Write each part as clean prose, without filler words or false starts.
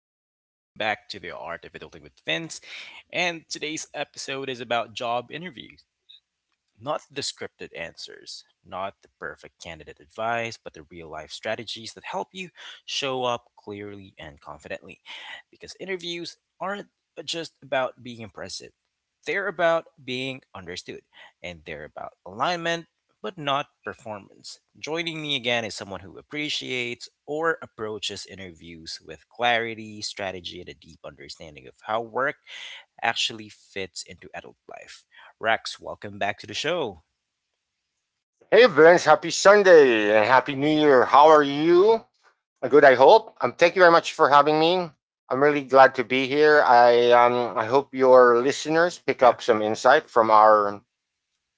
everyone. Welcome back to the Art of Adulting with Vince. And today's episode is about job interview. Not the scripted answers, not the perfect candidate advice, but the real life strategies that help you show up clearly and confidently. Because interviews aren't just about being impressive, they're about being understood, and they're about alignment, but not performance. Joining me again is someone who appreciates or approaches interviews with clarity, strategy, and a deep understanding of how work actually fits into adult life. Rex, welcome back to the show. Hey Vince, happy Sunday and happy New Year. How are you? Good, I hope. Thank you very much for having me. I'm really glad to be here. I hope your listeners pick Yeah, up some insight from our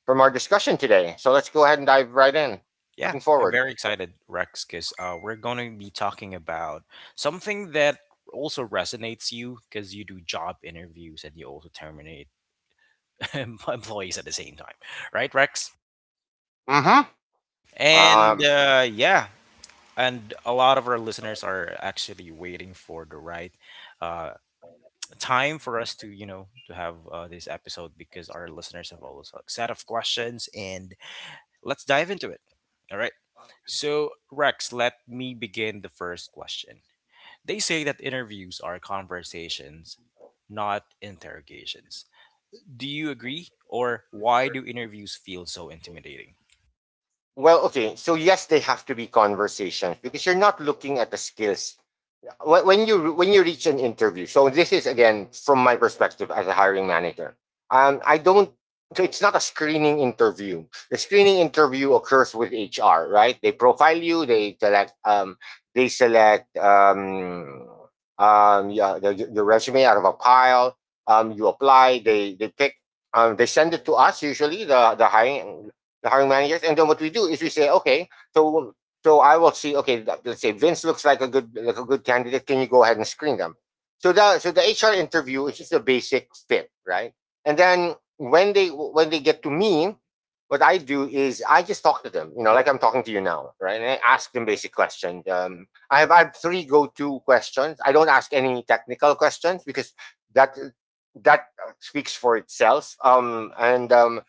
from our discussion today. So let's go ahead and dive right in. yeah. Looking I'm forward. very excited, Rex, because we're going to be talking about something that also resonates you because you do job interviews and you also terminate employees at the same time, right, Rex? Mm-hmm. And Um, uh, yeah, and a lot of our listeners are actually waiting for the right uh, time for us to, you know, to have this episode because our listeners have also a set of questions and let's dive into it. All right. So, Rex, let me begin the first question. They say that interviews are conversations, not interrogations. Do you agree? Or why do interviews feel so intimidating? Well, okay. So yes, they have to be conversations because you're not looking at the skills. When you reach an interview, so this is again from my perspective as a hiring manager. I don't. So it's not a screening interview. The screening interview occurs with HR, right? They profile you. They select. They select. Um, yeah, the resume out of a pile. You apply. They pick. They send it to us, usually the hiring managers. And then what we do is we say, okay, so so I will see. Okay, let's say Vince looks like a good candidate. Can you go ahead and screen them? So the HR interview is just a basic fit, right? And then when they get to me, what I do is I just talk to them, you know, like I'm talking to you now, right? And I ask them basic questions. I have three go-to questions. I don't ask any technical questions because that that speaks for itself. And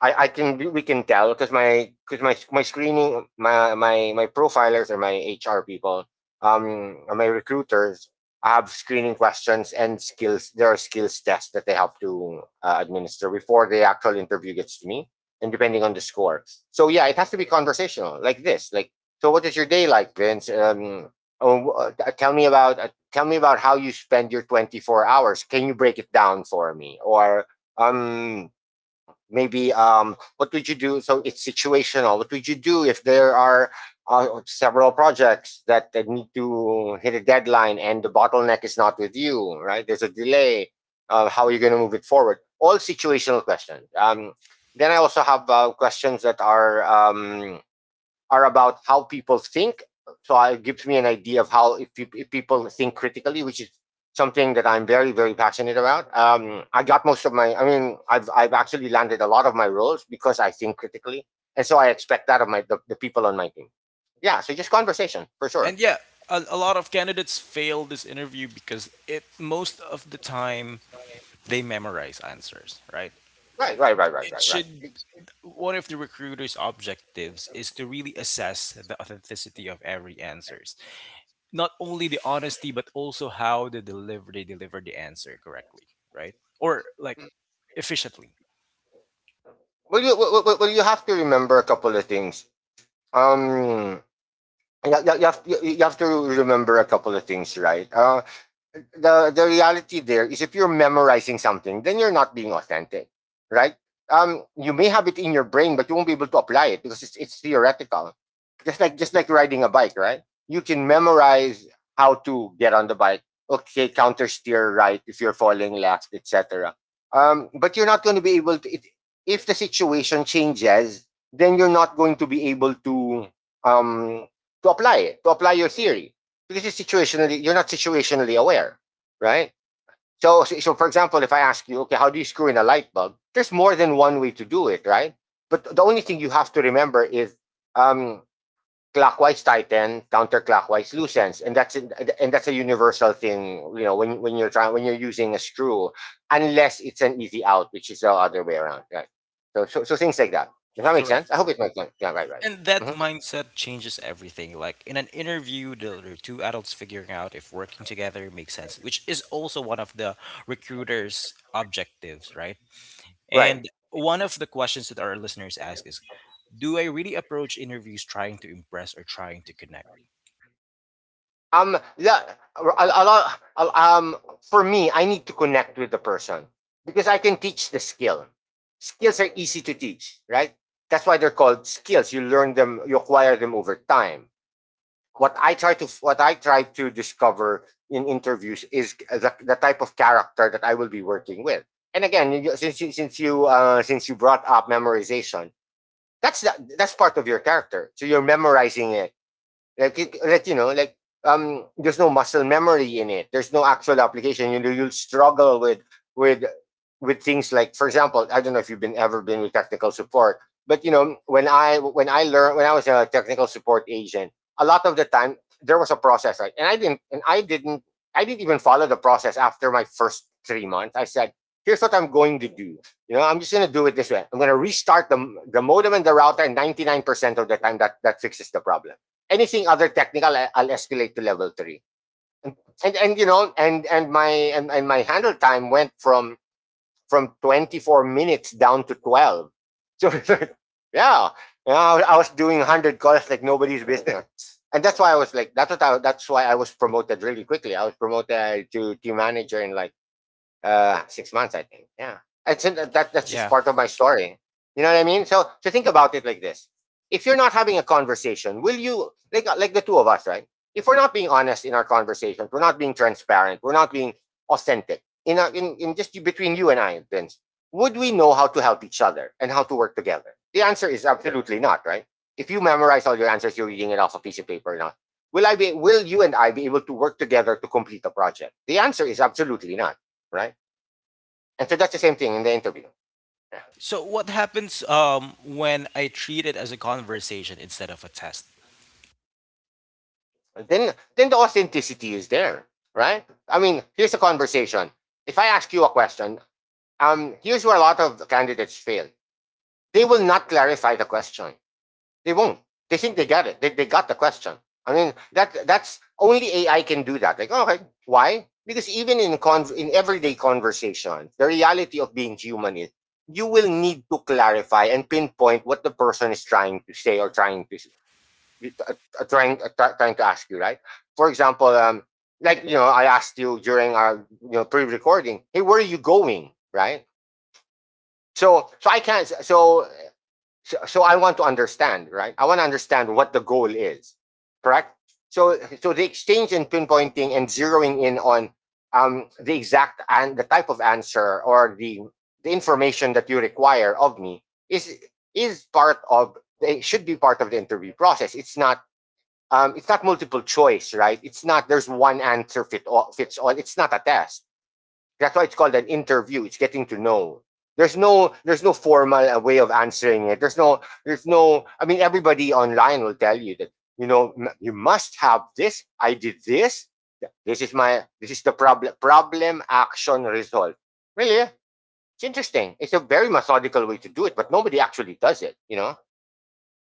I can, we can tell because my profilers or my HR people, my recruiters. I have screening questions and skills, there are skills tests that they have to administer before the actual interview gets to me, and depending on the score. So yeah, it has to be conversational, like this. So what is your day like, Vince? Tell me about how you spend your 24 hours. Can you break it down for me? Or um maybe What would you do? So it's situational. What would you do if there are several projects that need to hit a deadline and the bottleneck is not with you, right? There's a delay. How are you going to move it forward? All situational questions. Then I also have questions that are about how people think. So it gives me an idea of how if people think critically, which is something that I'm very, very passionate about. I got most of my. I mean, I've actually landed a lot of my roles because I think critically, and so I expect that of the people on my team. Yeah. So just conversation for sure. And yeah, a lot of candidates fail this interview because it most of the time they memorize answers, right? Right. Right. Right. Right. It Right. Right. should one of the recruiter's objectives is to really assess the authenticity of every answer. Not only the honesty but also how they deliver the answer correctly, right? Or like efficiently. Well, you have to remember a couple of things. Um, you, you have to remember a couple of things, right? The reality there is if you're memorizing something, then you're not being authentic, right? You may have it in your brain, but you won't be able to apply it because it's theoretical. Just like riding a bike, right? You can memorize how to get on the bike. Okay, counter steer right if you're falling left, etc. But you're not going to be able to. If the situation changes, then you're not going to be able um to apply it, to apply your theory. This is situationally, you're not situationally aware, right? So for example, if I ask you, okay, how do you screw in a light bulb? There's more than one way to do it, right? But the only thing you have to remember is um, clockwise tighten, counterclockwise loosens, and that's a universal thing. You know, when you're using a screw, unless it's an easy out, which is the other way around, right? So things like that. Does that make Correct. sense? I hope it makes sense. Yeah, And that mm-hmm. mindset changes everything, like in an interview, the two adults figuring out if working together makes sense, which is also one of the recruiters objectives, right? right. And one of the questions that our listeners ask is, do I really approach interviews trying to impress or trying to connect? Yeah a, lot um for me, I need to connect with the person because I can teach the skill. Skills are easy to teach, right? That's why they're called skills. You learn them, you acquire them over time. What I try to, what I try to discover in interviews is the type of character that I will be working with. And again, since you, since you brought up memorization, that's part of your character, so you're memorizing it. like, like you know, like there's no muscle memory in it. There's no actual application. You know, you'll struggle with with with things like, for example, I don't know if you've been ever been with technical support, but you know, when I, when I learned when I was a technical support agent, a lot of the time there was a process, right? And I didn't even follow the process after my first 3 months. I said, here's what I'm going to do. You know, I'm just going to do it this way. I'm going to restart the modem and the router, and 99% of the time that fixes the problem. Anything other technical, I'll escalate to level three. And you know, and my handle time went from 24 minutes down to 12. So yeah, yeah, I was doing 100 calls like nobody's business. And that's why I was like, that's why I was promoted really quickly. I was promoted to team manager in like 6 months, I think. Yeah. And so that's just Yeah. part of my story. You know what I mean? So to think about it like this: if you're not having a conversation, will you, like the two of us, right? If we're not being honest in our conversations, we're not being transparent, we're not being authentic in our, in just between you and I, Vince, would we know how to help each other and how to work together? The answer is absolutely not, right? If you memorize all your answers, you're reading it off a piece of paper or not. Will you and I be able to work together to complete a project? The answer is absolutely not, right? And so that's the same thing in the interview. Yeah. So what happens when I treat it as a conversation instead of a test? Then the authenticity is there, right? I mean, here's a conversation. If I ask you a question, here's where a lot of candidates fail. They will not clarify the question. They won't. They think they got it. They got the question. I mean, that, that's only AI can do that. Like, okay, why? Because even in everyday conversations, the reality of being human is you will need to clarify and pinpoint what the person is trying to say or trying to you, trying trying to ask you, right? For example, I asked you during our, you know, pre-recording, hey, where are you going, right? So so I can't so so, so so I want to understand, right? I want to understand what the goal is, correct? So the exchange and pinpointing and zeroing in on the exact and the type of answer or the information that you require of me is is part of it should be part of the interview process. It's not, it's not multiple choice, right? It's not there's one answer fit all, fits all. It's not a test. That's why it's called an interview. It's getting to know. There's no, formal way of answering it. There's no there's no. I mean, everybody online will tell you that, you know, you must have this. I did this. This is my, this is the problem, problem action result. Really, it's interesting. It's a very methodical way to do it, but nobody actually does it. You know,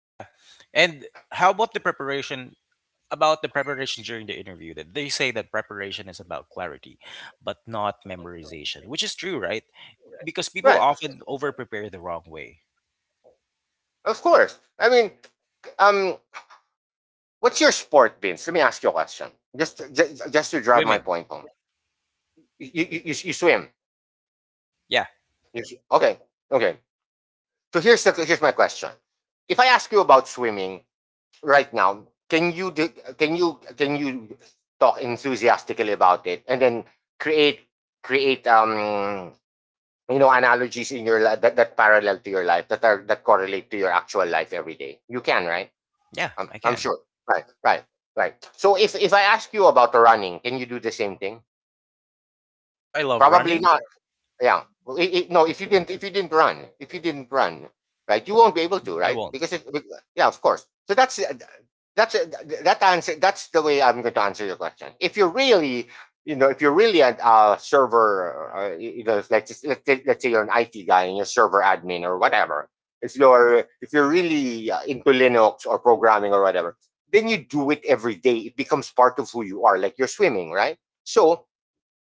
Yeah. And how about the preparation during the interview that they say that preparation is about clarity but not memorization, which is true, right? Because people right? often over prepare the wrong way. Of course. I mean, um, what's your sport, Vince? Let me ask you a question. Just to drive my Swimming. point home. You swim. Yeah. Okay. Okay. So here's here's my question. If I ask you about swimming right now, can you do, can you talk enthusiastically about it and then create create analogies in your life that parallel to your life, that are, that correlate to your actual life every day? You can, right? Yeah, I'm I I'm can. sure. Right. Right. So if, I ask you about running, can you do the same thing? If I love Probably running, not. Yeah. Well, I no, if you didn't, run, if you didn't run, right, you won't be able to, I right? won't. Because yeah, of course. So that's uh, that answer. That's the way I'm going to answer your question. If you're really, if you're really a server, like just, let's say you're an IT guy and you're server admin or whatever. If you're really into Linux or programming or whatever, then you do it every day. It becomes part of who you are, like you're swimming, right? So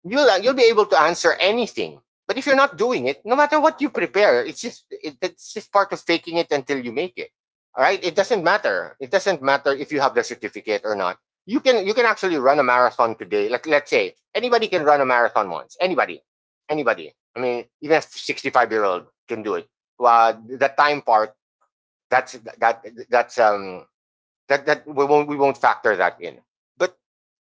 you'll be able to answer anything. But if you're not doing it, no matter what you prepare, it's just part of faking it until you make it. All right, it doesn't matter. It doesn't matter if you have the certificate or not. You can actually run a marathon today. Like let's say anybody can run a marathon once. Anybody, anybody. I mean, even a 65 year old can do it. The time part that's that's that that we won't factor that in. But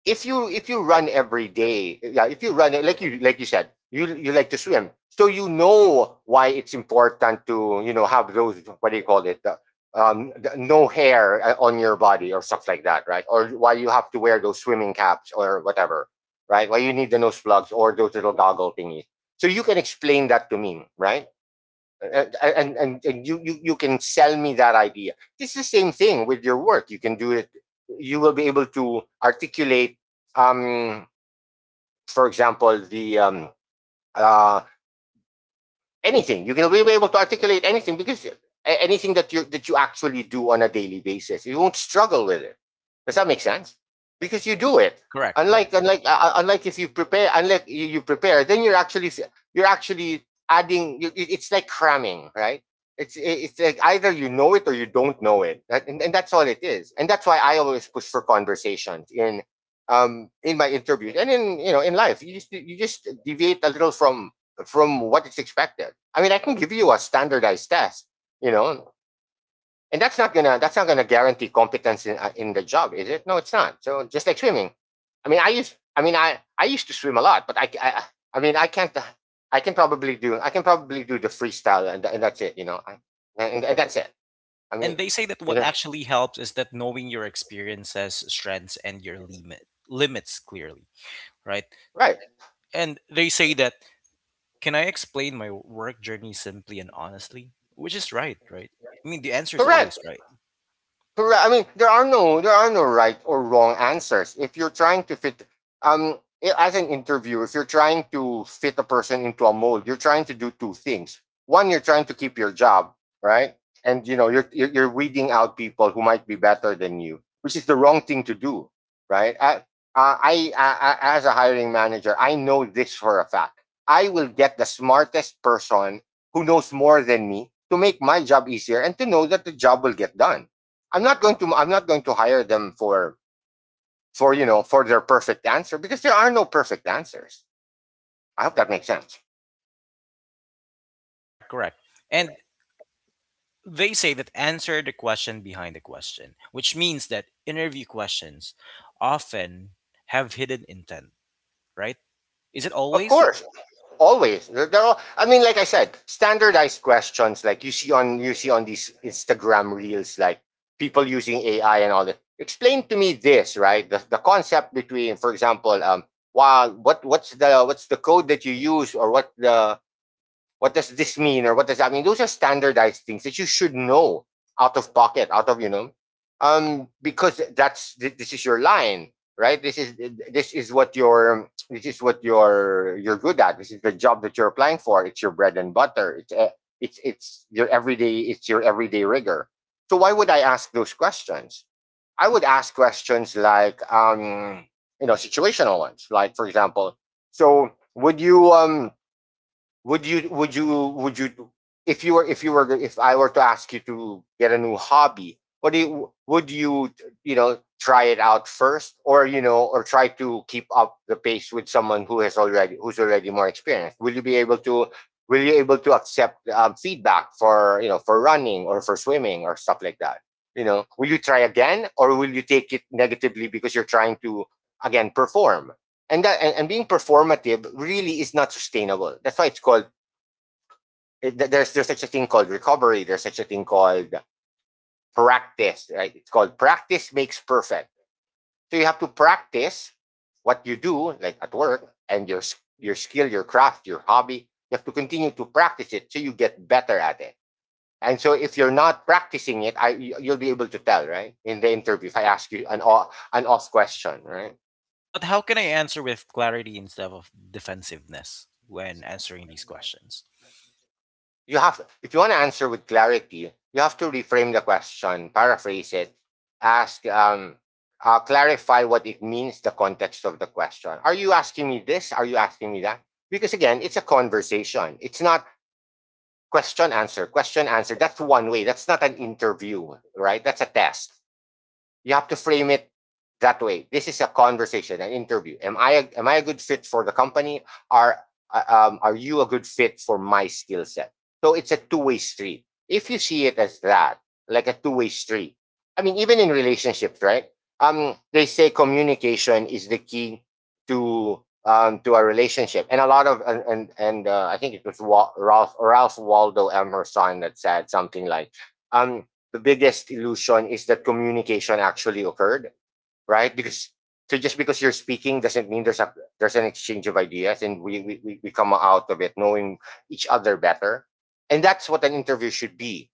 if you Right. run every day, yeah, if you run like you said, you like to swim, so you know why it's important to have those, what do you call it, the, no hair on your body or stuff like that, right? Or why you have to wear those swimming caps or whatever, right? Why you need the nose plugs or those little goggle thingies. So you can explain that to me, right? uh, and you can sell me that idea. It's the same thing with your work. You can do it. You will be able to articulate, um for example, the uh anything. You can be able to articulate anything because anything that you actually do on a daily basis, you won't struggle with it. Does that make sense? Because you do it. Correct, correct. Unlike if you prepare, unlike you prepare, then you're actually adding. It's like cramming, right? It's it's like either you know it or you don't know it, and that's all it is. And that's why I always push for conversations in my interviews and in, you know, in life. You just deviate a little from what is expected. I mean, I can give you a standardized test, you know, and that's not gonna guarantee competence in the job, is it? No, it's not. So just like swimming, I mean, I used I mean I used to swim a lot, but I can't I can probably do the freestyle, and that's it, you know, I, and that's it. I And mean, they say that you what know, actually helps is that knowing your experiences, strengths and your limits clearly, right? right, And they say that, can I explain my work journey simply and honestly? Which is right, right? I mean, the answer is correct. always right. Correct. I mean, there are no right or wrong answers. If you're trying to fit, um, as an interviewer, if you're trying to fit a person into a mold, you're trying to do two things. One, you're trying to keep your job, right? And you know, you're weeding out people who might be better than you, which is the wrong thing to do, right? I, as a hiring manager, I know this for a fact. I will get the smartest person who knows more than me to make my job easier and to know that the job will get done. I'm not going to hire them for you know, for their perfect answer, because there are no perfect answers. I hope that makes sense. Correct, correct. And they say that answer the question behind the question, which means that interview questions often have hidden intent, right? Is it Of always? course, always. They're all, I mean, like I said, standardized questions like you see on these Instagram reels, like people using AI and all that. Explain to me this, right? The concept between, for example, wow, what's the code that you use, or what the, what does this mean or what does that mean? Those are standardized things that you should know out of pocket, out of, you know, because that's this is your line, right? This is what your this is what you're good at. This is the job that you're applying for. It's your bread and butter. It's your everyday rigor. So why would I ask those questions? I would ask questions like, you know, situational ones, like, for example, so would you would you would you, if you were if you were if I were to ask you to get a new hobby, what do you would you, you know, try it out first, or, you know, or try to keep up the pace with someone who has already who's already more experienced? Will you able to accept feedback for, you know, for running or for swimming or stuff like that? You know, will you try again, or will you take it negatively because you're trying to, again, perform? And being performative really is not sustainable. That's why it's called, it, there's such a thing called recovery. There's such a thing called practice, right? It's called practice makes perfect. So you have to practice what you do, like at work, and your skill, your craft, your hobby. You have to continue to practice it so you get better at it. And so if you're not practicing it, I you'll be able to tell, right? In the interview, if I ask you an off question, right? But how can I answer with clarity instead of defensiveness when answering these questions? You have, if you want to answer with clarity, you have to reframe the question, paraphrase it, ask, clarify what it means, the context of the question. Are you asking me this? Are you asking me that? Because again, it's a conversation. It's not question answer, question answer. That's one way. That's not an interview, right? That's a test. You have to frame it that way. This is a conversation, an interview. Am am I a good fit for the company? Are are you a good fit for my skill set? So it's a two-way street. If you see it as that, like a two-way street. I mean, even in relationships, right? They say communication is the key to, to a relationship, and a lot of and I think it was Ralph Waldo Emerson that said something like, um, the biggest illusion is that communication actually occurred, right? Because, so just because you're speaking doesn't mean there's a, there's an exchange of ideas and come out of it knowing each other better. And that's what an interview should be.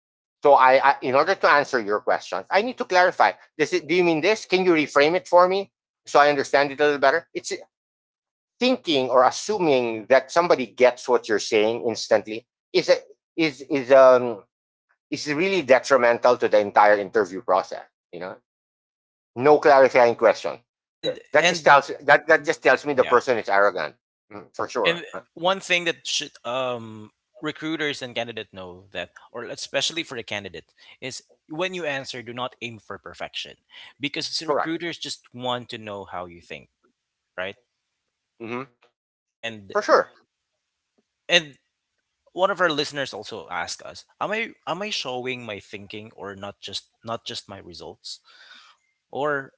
So I, in order to answer your questions, I need to clarify. Does it Do you mean this? Can you reframe it for me so I understand it a little better? It's thinking or assuming that somebody gets what you're saying instantly is a, is is really detrimental to the entire interview process. You know, no clarifying question. And That- just and tells that just tells me the yeah, person is arrogant. Mm, for sure. And one thing that should recruiters and candidate know that, or especially for the candidate, is when you answer, do not aim for perfection, because s- Correct. recruiters just want to know how you think, right? Hmm. And For sure. and one of our listeners also asked us, "Am I showing my thinking or not just my results?" Or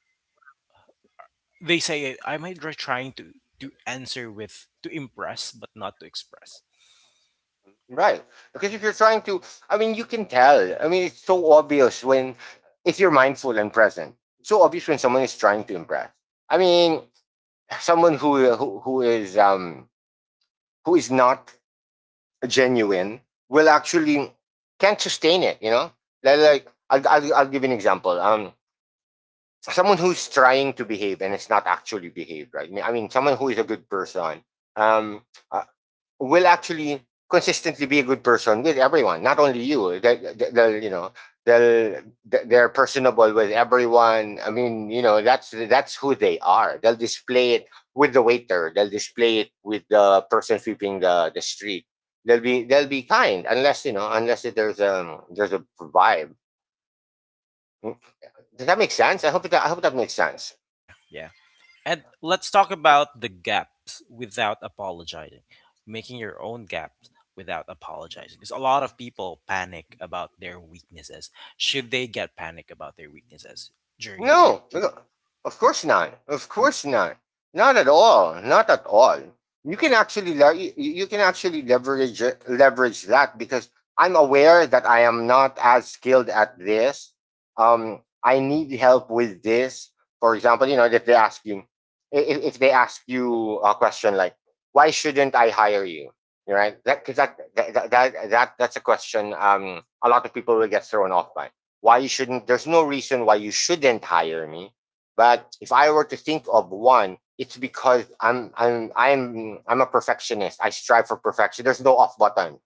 they say, "Am I trying to answer with to impress but not to express?" Right. Because if you're trying to, I mean, you can tell. I mean, it's so obvious when, if you're mindful and present, it's so obvious when someone is trying to impress. I mean, someone who is not genuine will actually can't sustain it. You know, like, I'll I'll give you an example. Someone who's trying to behave and it's not actually behaved, right? I mean, someone who is a good person. Um, uh, will actually consistently be a good person with everyone, not only you. They'll, you know, they're personable with everyone. I mean, you know, that's who they are. They'll display it with the waiter. They'll display it with the person sweeping the street. They'll be kind, unless, you know, unless there's a there's a vibe. Hmm. Does that make sense? I hope that makes sense. Yeah, yeah. And let's talk about the gaps without apologizing, making your own gaps without apologizing. Because a lot of people panic about their weaknesses. Should they get panic about their weaknesses during the interview? No, no, of course not. Of course not. Not at all. Not at all. You can actually le- you, you can actually leverage it, leverage that because I'm aware that I am not as skilled at this. I need help with this. For example, you know, if they ask you, if they ask you a question like, "Why shouldn't I hire you?" Right? That because that, that that that that's a question a lot of people will get thrown off by. Why you shouldn't? There's no reason why you shouldn't hire me, but if I were to think of one, it's because I'm a perfectionist. I strive for perfection. There's no off button,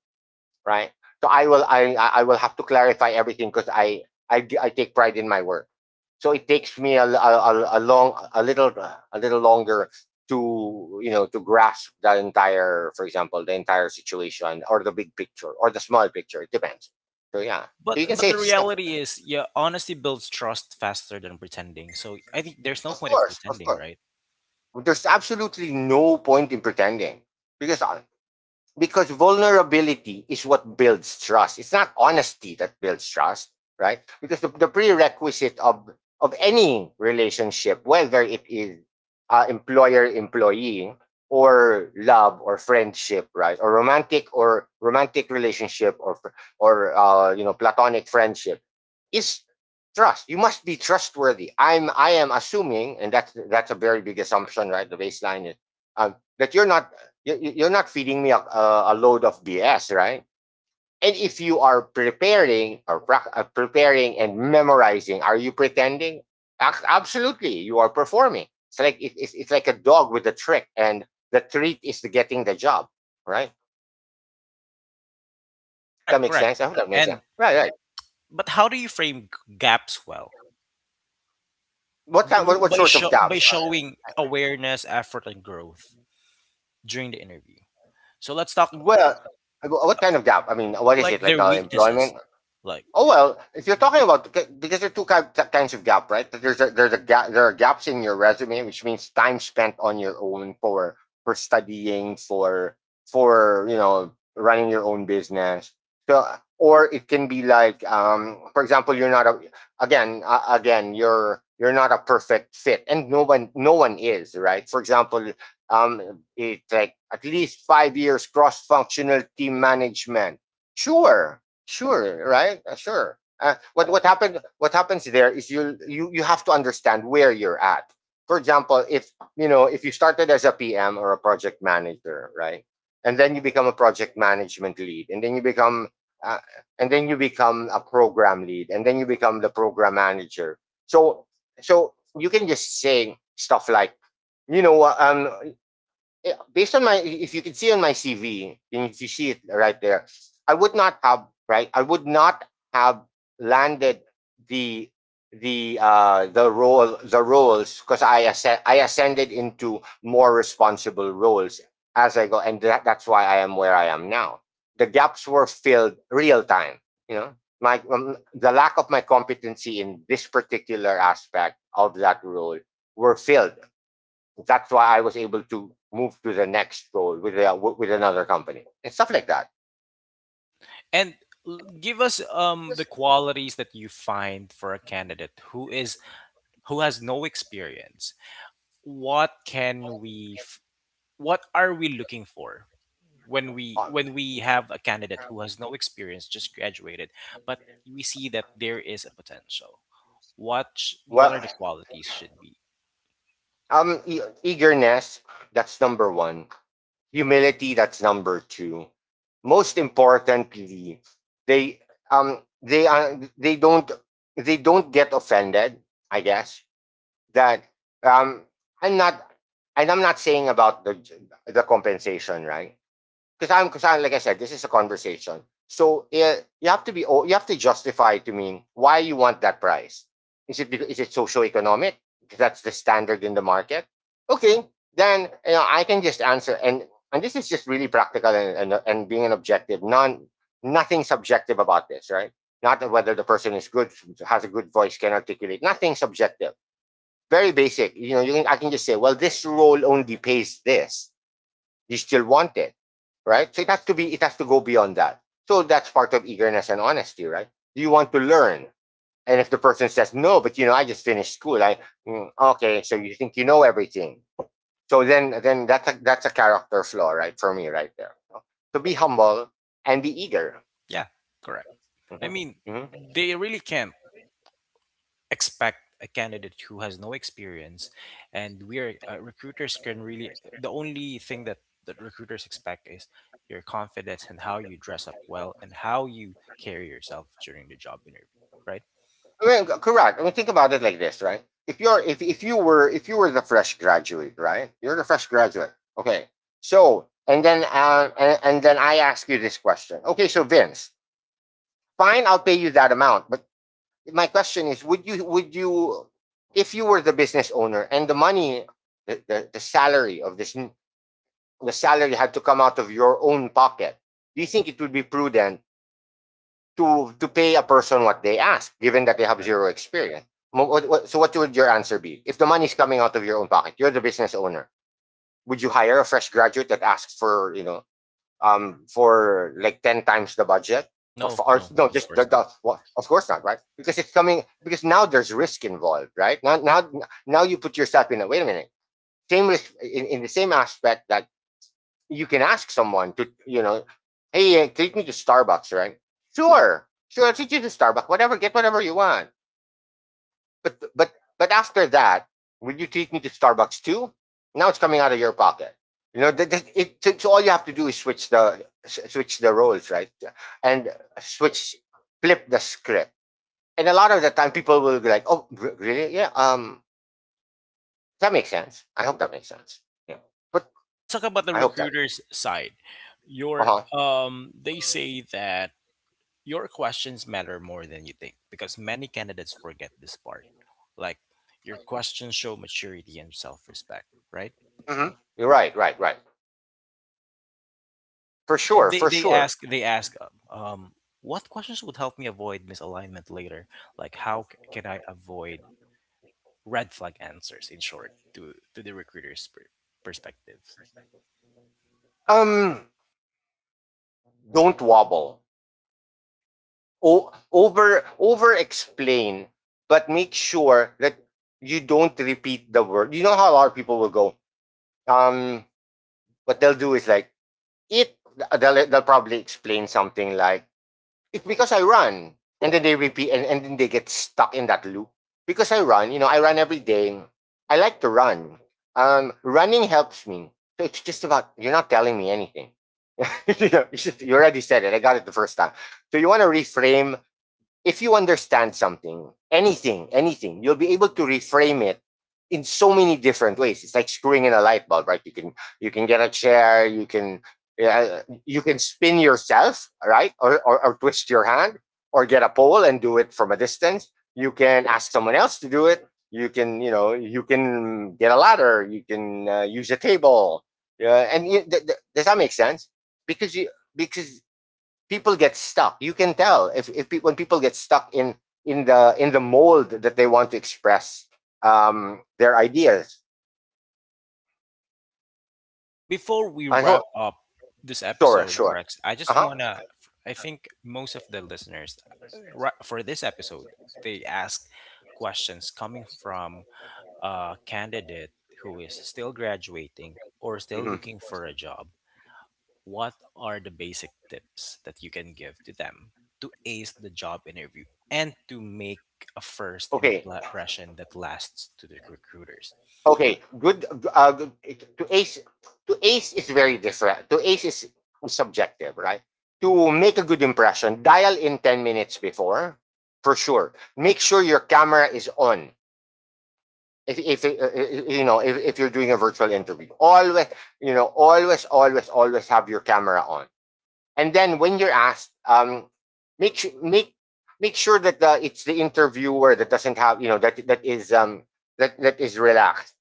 right? So I will have to clarify everything because I take pride in my work. So it takes me a little longer to to grasp the entire, for example, the entire situation, or the big picture or the small picture, it depends. So yeah, so you can But say the stuff. reality is, yeah, honesty builds trust faster than pretending. So I think there's no Of point of course, of pretending, course. right? There's absolutely no point in pretending because because vulnerability is what builds trust. It's not honesty that builds trust, right? Because the prerequisite of any relationship, whether it is employer employee or love or friendship, right, or romantic relationship or platonic friendship, is trust. You must be trustworthy. I am assuming, and that's a very big assumption, right? The baseline is that you're not are not feeding me a load of BS, right? And if you are preparing or preparing and memorizing, are you pretending? Absolutely, you are performing. It's like it's like a dog with a trick, and the treat is the getting the job, right? That Correct, makes correct. sense. I hope that makes And sense. Right, right. but how do you frame g- gaps well? What kind? W- What By sort of show, by jobs? Showing awareness, effort, and growth during the interview. So let's talk. Uh, Well, what kind of job? I mean, what is like it like? their weaknesses Employment? like Oh well, if you're talking about, because there are kinds of gap, right? There are gaps in your resume, which means time spent on your own for studying, for running your own business. So or it can be like, for example, you're not a, again you're not a perfect fit, and no one is, right. For example, it's like at least 5 years cross functional team management. Sure, sure, right? Sure. What happened? What happens there is you have to understand where you're at. For example, if if you started as a PM or a project manager, right, and then you become a project management lead, and then you become uh, and then you become a program lead, and then you become the program manager. So so you can just say stuff like you know um based on my, if you can see on my CV, and if you can see it right there, I would not have, right. I would not have landed the the role, the roles, because I ascended into more responsible roles as I go, and that's why I am where I am now. The gaps were filled real time. You know, my the lack of my competency in this particular aspect of that role were filled, that's why I was able to move to the next role with with another company and stuff like that. and l- give us the qualities that you find for a candidate who is who has no experience. What can we f- what are we looking for Um, when we have a candidate who has no experience, just graduated, but we see that there is a potential. What sh- what are well, the qualities should be? Eagerness, that's number 1. Humility, that's number 2. Most importantly, they they don't get offended. I guess that um I'm not, and I'm not saying about the compensation, right? Because I'm, like I said, this is a conversation. So you have to justify to me why you want that price. Is it socioeconomic? Because that's the standard in the market. Okay. Then, you know, I can just answer. And this is just really practical and being an objective, non, nothing subjective about this, right? Not whether the person is good, has a good voice, can articulate, nothing subjective. Very basic. You know, I can just say, well, this role only pays this, you still want it, right? So it has to be, it has to go beyond that. So that's part of eagerness and honesty, right? Do you want to learn? And if the person says no, but you know, I just finished school. I mm, okay, so you think you know everything. So then that's a character flaw, right? For me, right there. So be humble Right, and be eager. yeah, correct. I mean, Mm-hmm. Mm-hmm. they really can expect a candidate who has no experience, and we are recruiters can really the only thing that that recruiters expect is your confidence and how you dress up well and how you carry yourself during the job interview, right? Well, correct. I mean, think about it like this, right? If you're if you were the fresh graduate, right? You're the fresh graduate. Okay. So and then and then I ask you this question. Okay, so Vince, fine, I'll pay you that amount. But my question is, would you, if you were the business owner and the money, the salary of the salary had to come out of your own pocket, do you think it would be prudent to pay a person what they ask, given that they have Correct. zero experience. So what would your answer be? If the money is coming out of your own pocket, you're the business owner. Would you hire a fresh graduate that asks for for like 10 times the budget? Or, No, no, no, of just course not. the well, of course not, right? Because it's coming, because now there's risk involved, right? Now you put yourself in a, wait a minute. Same risk in the same aspect that you can ask someone to, you know, hey, take me to Starbucks, right? Sure, sure, I'll take you to Starbucks, whatever, get whatever you want. But, but, but after that, will you take me to Starbucks too? Now it's coming out of your pocket. You know, so so all you have to do is switch the roles, right? And switch, flip the script. And a lot of the time, people will be like, "Oh, really? Yeah. That makes sense. I hope that makes sense. But Let's talk about the I hope that. recruiter's side. Uh Your huh. They say that your questions matter more than you think, because many candidates forget this part, like your questions show maturity and self-respect, right? Hmm. You're right, right, right. For And sure, they, for they sure. ask they ask um, um, what questions would help me avoid misalignment later? Like how c- can I avoid red flag answers? In short, to the recruiter's per- perspectives. Um, don't wobble. Over over explain, but make sure that you don't repeat the word. You know how a lot of people will go. Um, what they'll do is like it. They'll probably explain something like it's because I run. And then they repeat, and then they get stuck in that loop. Because I run, you know, I run every day. I like to run. Running helps me. So it's just about, you're not telling me anything. you, you already said it. I got it the first time. So you want to reframe, if you understand something, anything, anything, you'll be able to reframe it in so many different ways. It's like screwing in a light bulb, right? You can get a chair, you can spin yourself, right? Or, or twist your hand, or get a pole and do it from a distance. You can ask someone else to do it. You can, you know, you can get a ladder. You can use a table. Yeah, and you, does that make sense? Because you, because people get stuck. You can tell if, when people get stuck in in the mold that they want to express their ideas. Before we I hope. wrap up this Sure, episode, sure. Rex, I Uh just huh. wanna. I think most of the listeners ri- for this episode they ask questions coming from a candidate who is still graduating or still Hmm. looking for a job. What are the basic tips that you can give to them to ace the job interview and to make a first Okay. impl- impression that lasts to the recruiters? Okay, good. To ace, to ace is very different. To ace is subjective, right? To make a good impression, dial in 10 minutes before, for sure. Make sure your camera is on. If, you know, if you're doing a virtual interview, always, you know, always always always have your camera on. And then when you're asked, make make sure that it's the interviewer that doesn't have, you know, that is that that is relaxed.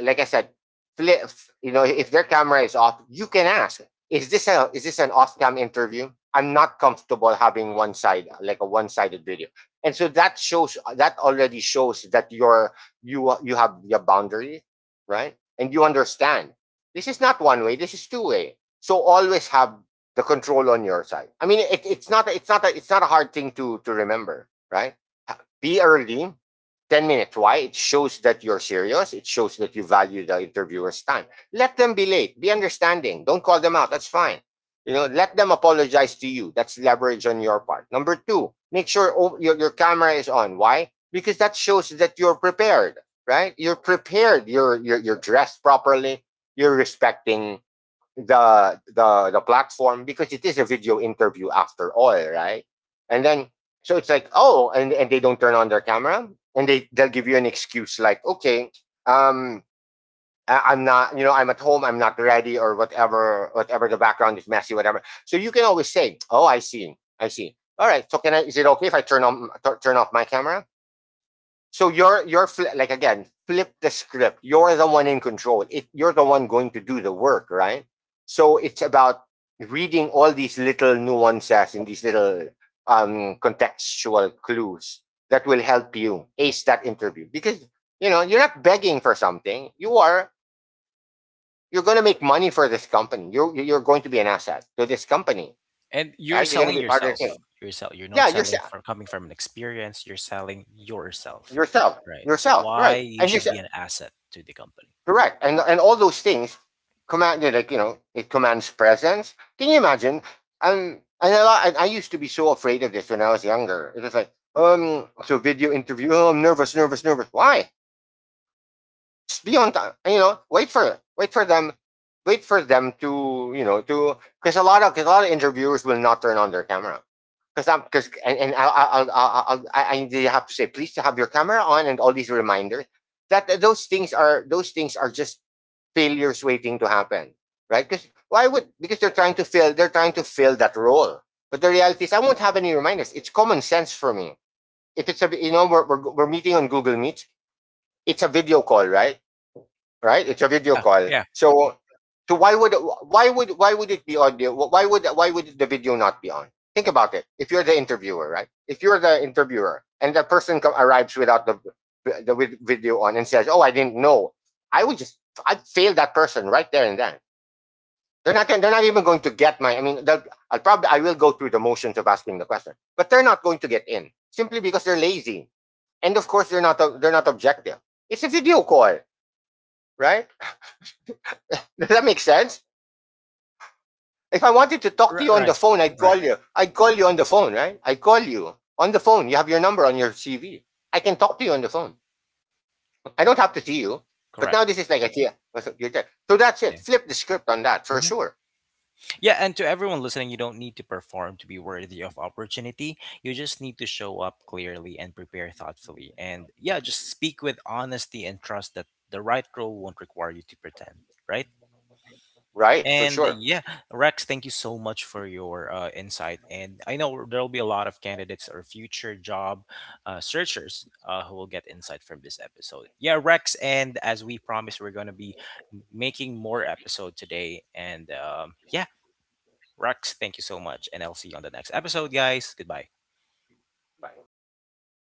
Like I said, flip, you know, if their camera is off, you can ask, is this an off cam interview? I'm not comfortable having one side, like a one sided video, and so that shows, that already shows that you're, you have your boundaries, right? And you understand this is not one way. This is two way. So always have the control on your side. I mean, it's not, it's not a, it's not a hard thing to remember, right? Be early, 10 minutes. Why? It shows that you're serious. It shows that you value the interviewer's time. Let them be late. Be understanding. Don't call them out. That's fine. You know, let them apologize to you. That's leverage on your part. Number 2, make sure, oh, your camera is on. Why? Because that shows that you're prepared, right? You're prepared. You're dressed properly. You're respecting the platform because it is a video interview after all, right? And then so it's like, oh, and they don't turn on their camera and they'll give you an excuse like, okay, um, I am not, you know, I'm at home, I'm not ready, or whatever, whatever, the background is messy, whatever. So you can always say, oh, I see, I see. All right, so can I? Is it okay if I turn off my camera? So you're, like again, flip the script. You're the one in control. You're the one going to do the work, right? So it's about reading all these little nuances and these little contextual clues that will help you ace that interview, because you know you're not begging for something. You are, you're going to make money for this company. You're going to be an asset to this company, And you're right? You're going selling to be part of the team. yourself. You're, sell- you're Yeah, not selling yourself, from coming from an experience, you're selling yourself, yourself, right? yourself, Why right? you And you're should be an asset to the company. correct. And all those things command, like you know it commands presence. Can you imagine? And a lot, and I used to be so afraid of this when I was younger. It was like so video interview. Oh, I'm nervous, nervous, nervous. Why? Just be on time. You know, wait for it. Wait for them. Wait for them to, you know, to, because a lot of, cause a lot of interviewers will not turn on their camera because I'm because and, I have to say please to have your camera on and all these reminders, that those things are, those things are just failures waiting to happen, right? Because why would, because they're trying to fill, they're trying to fill that role. But the reality is, I won't have any reminders. It's common sense for me. If it's a, you know, we're meeting on Google Meet, it's a video call, right? Right? It's a video Yeah, call. yeah, So so why would, why would it be audio? Why would the video not be on? Think about it. If you're the interviewer, right? If you're the interviewer and the person, arrives without the the video on and says, "Oh, I didn't know," I would just, I'd fail that person right there and then. They're not. They're not even going to get my. I mean, I'll probably, I will go through the motions of asking the question, but they're not going to get in simply because they're lazy, and of course they're not. They're not objective. It's a video call, right? Does that make sense? If I wanted to talk to you right, on the right, phone, I'd call right. you. I'd call you on the phone, right? I'd call you on the phone. You have your number on your CV. I can talk to you on the phone. I don't have to see you. But now Correct. this is like a yeah. So that's it. Yeah. Flip the script on that for Mhm. sure. Yeah, and to everyone listening, you don't need to perform to be worthy of opportunity. You just need to show up clearly and prepare thoughtfully. And yeah, just speak with honesty and trust that the right role won't require you to pretend, right? Right, for And sure. yeah, Rex, thank you so much for your insight. And I know there'll be a lot of candidates or future job searchers who will get insight from this episode. Yeah, Rex, and as we promised, we're going to be making more episode today. And yeah, Rex, thank you so much. And I'll see you on the next episode, guys. Goodbye. Bye, Vince.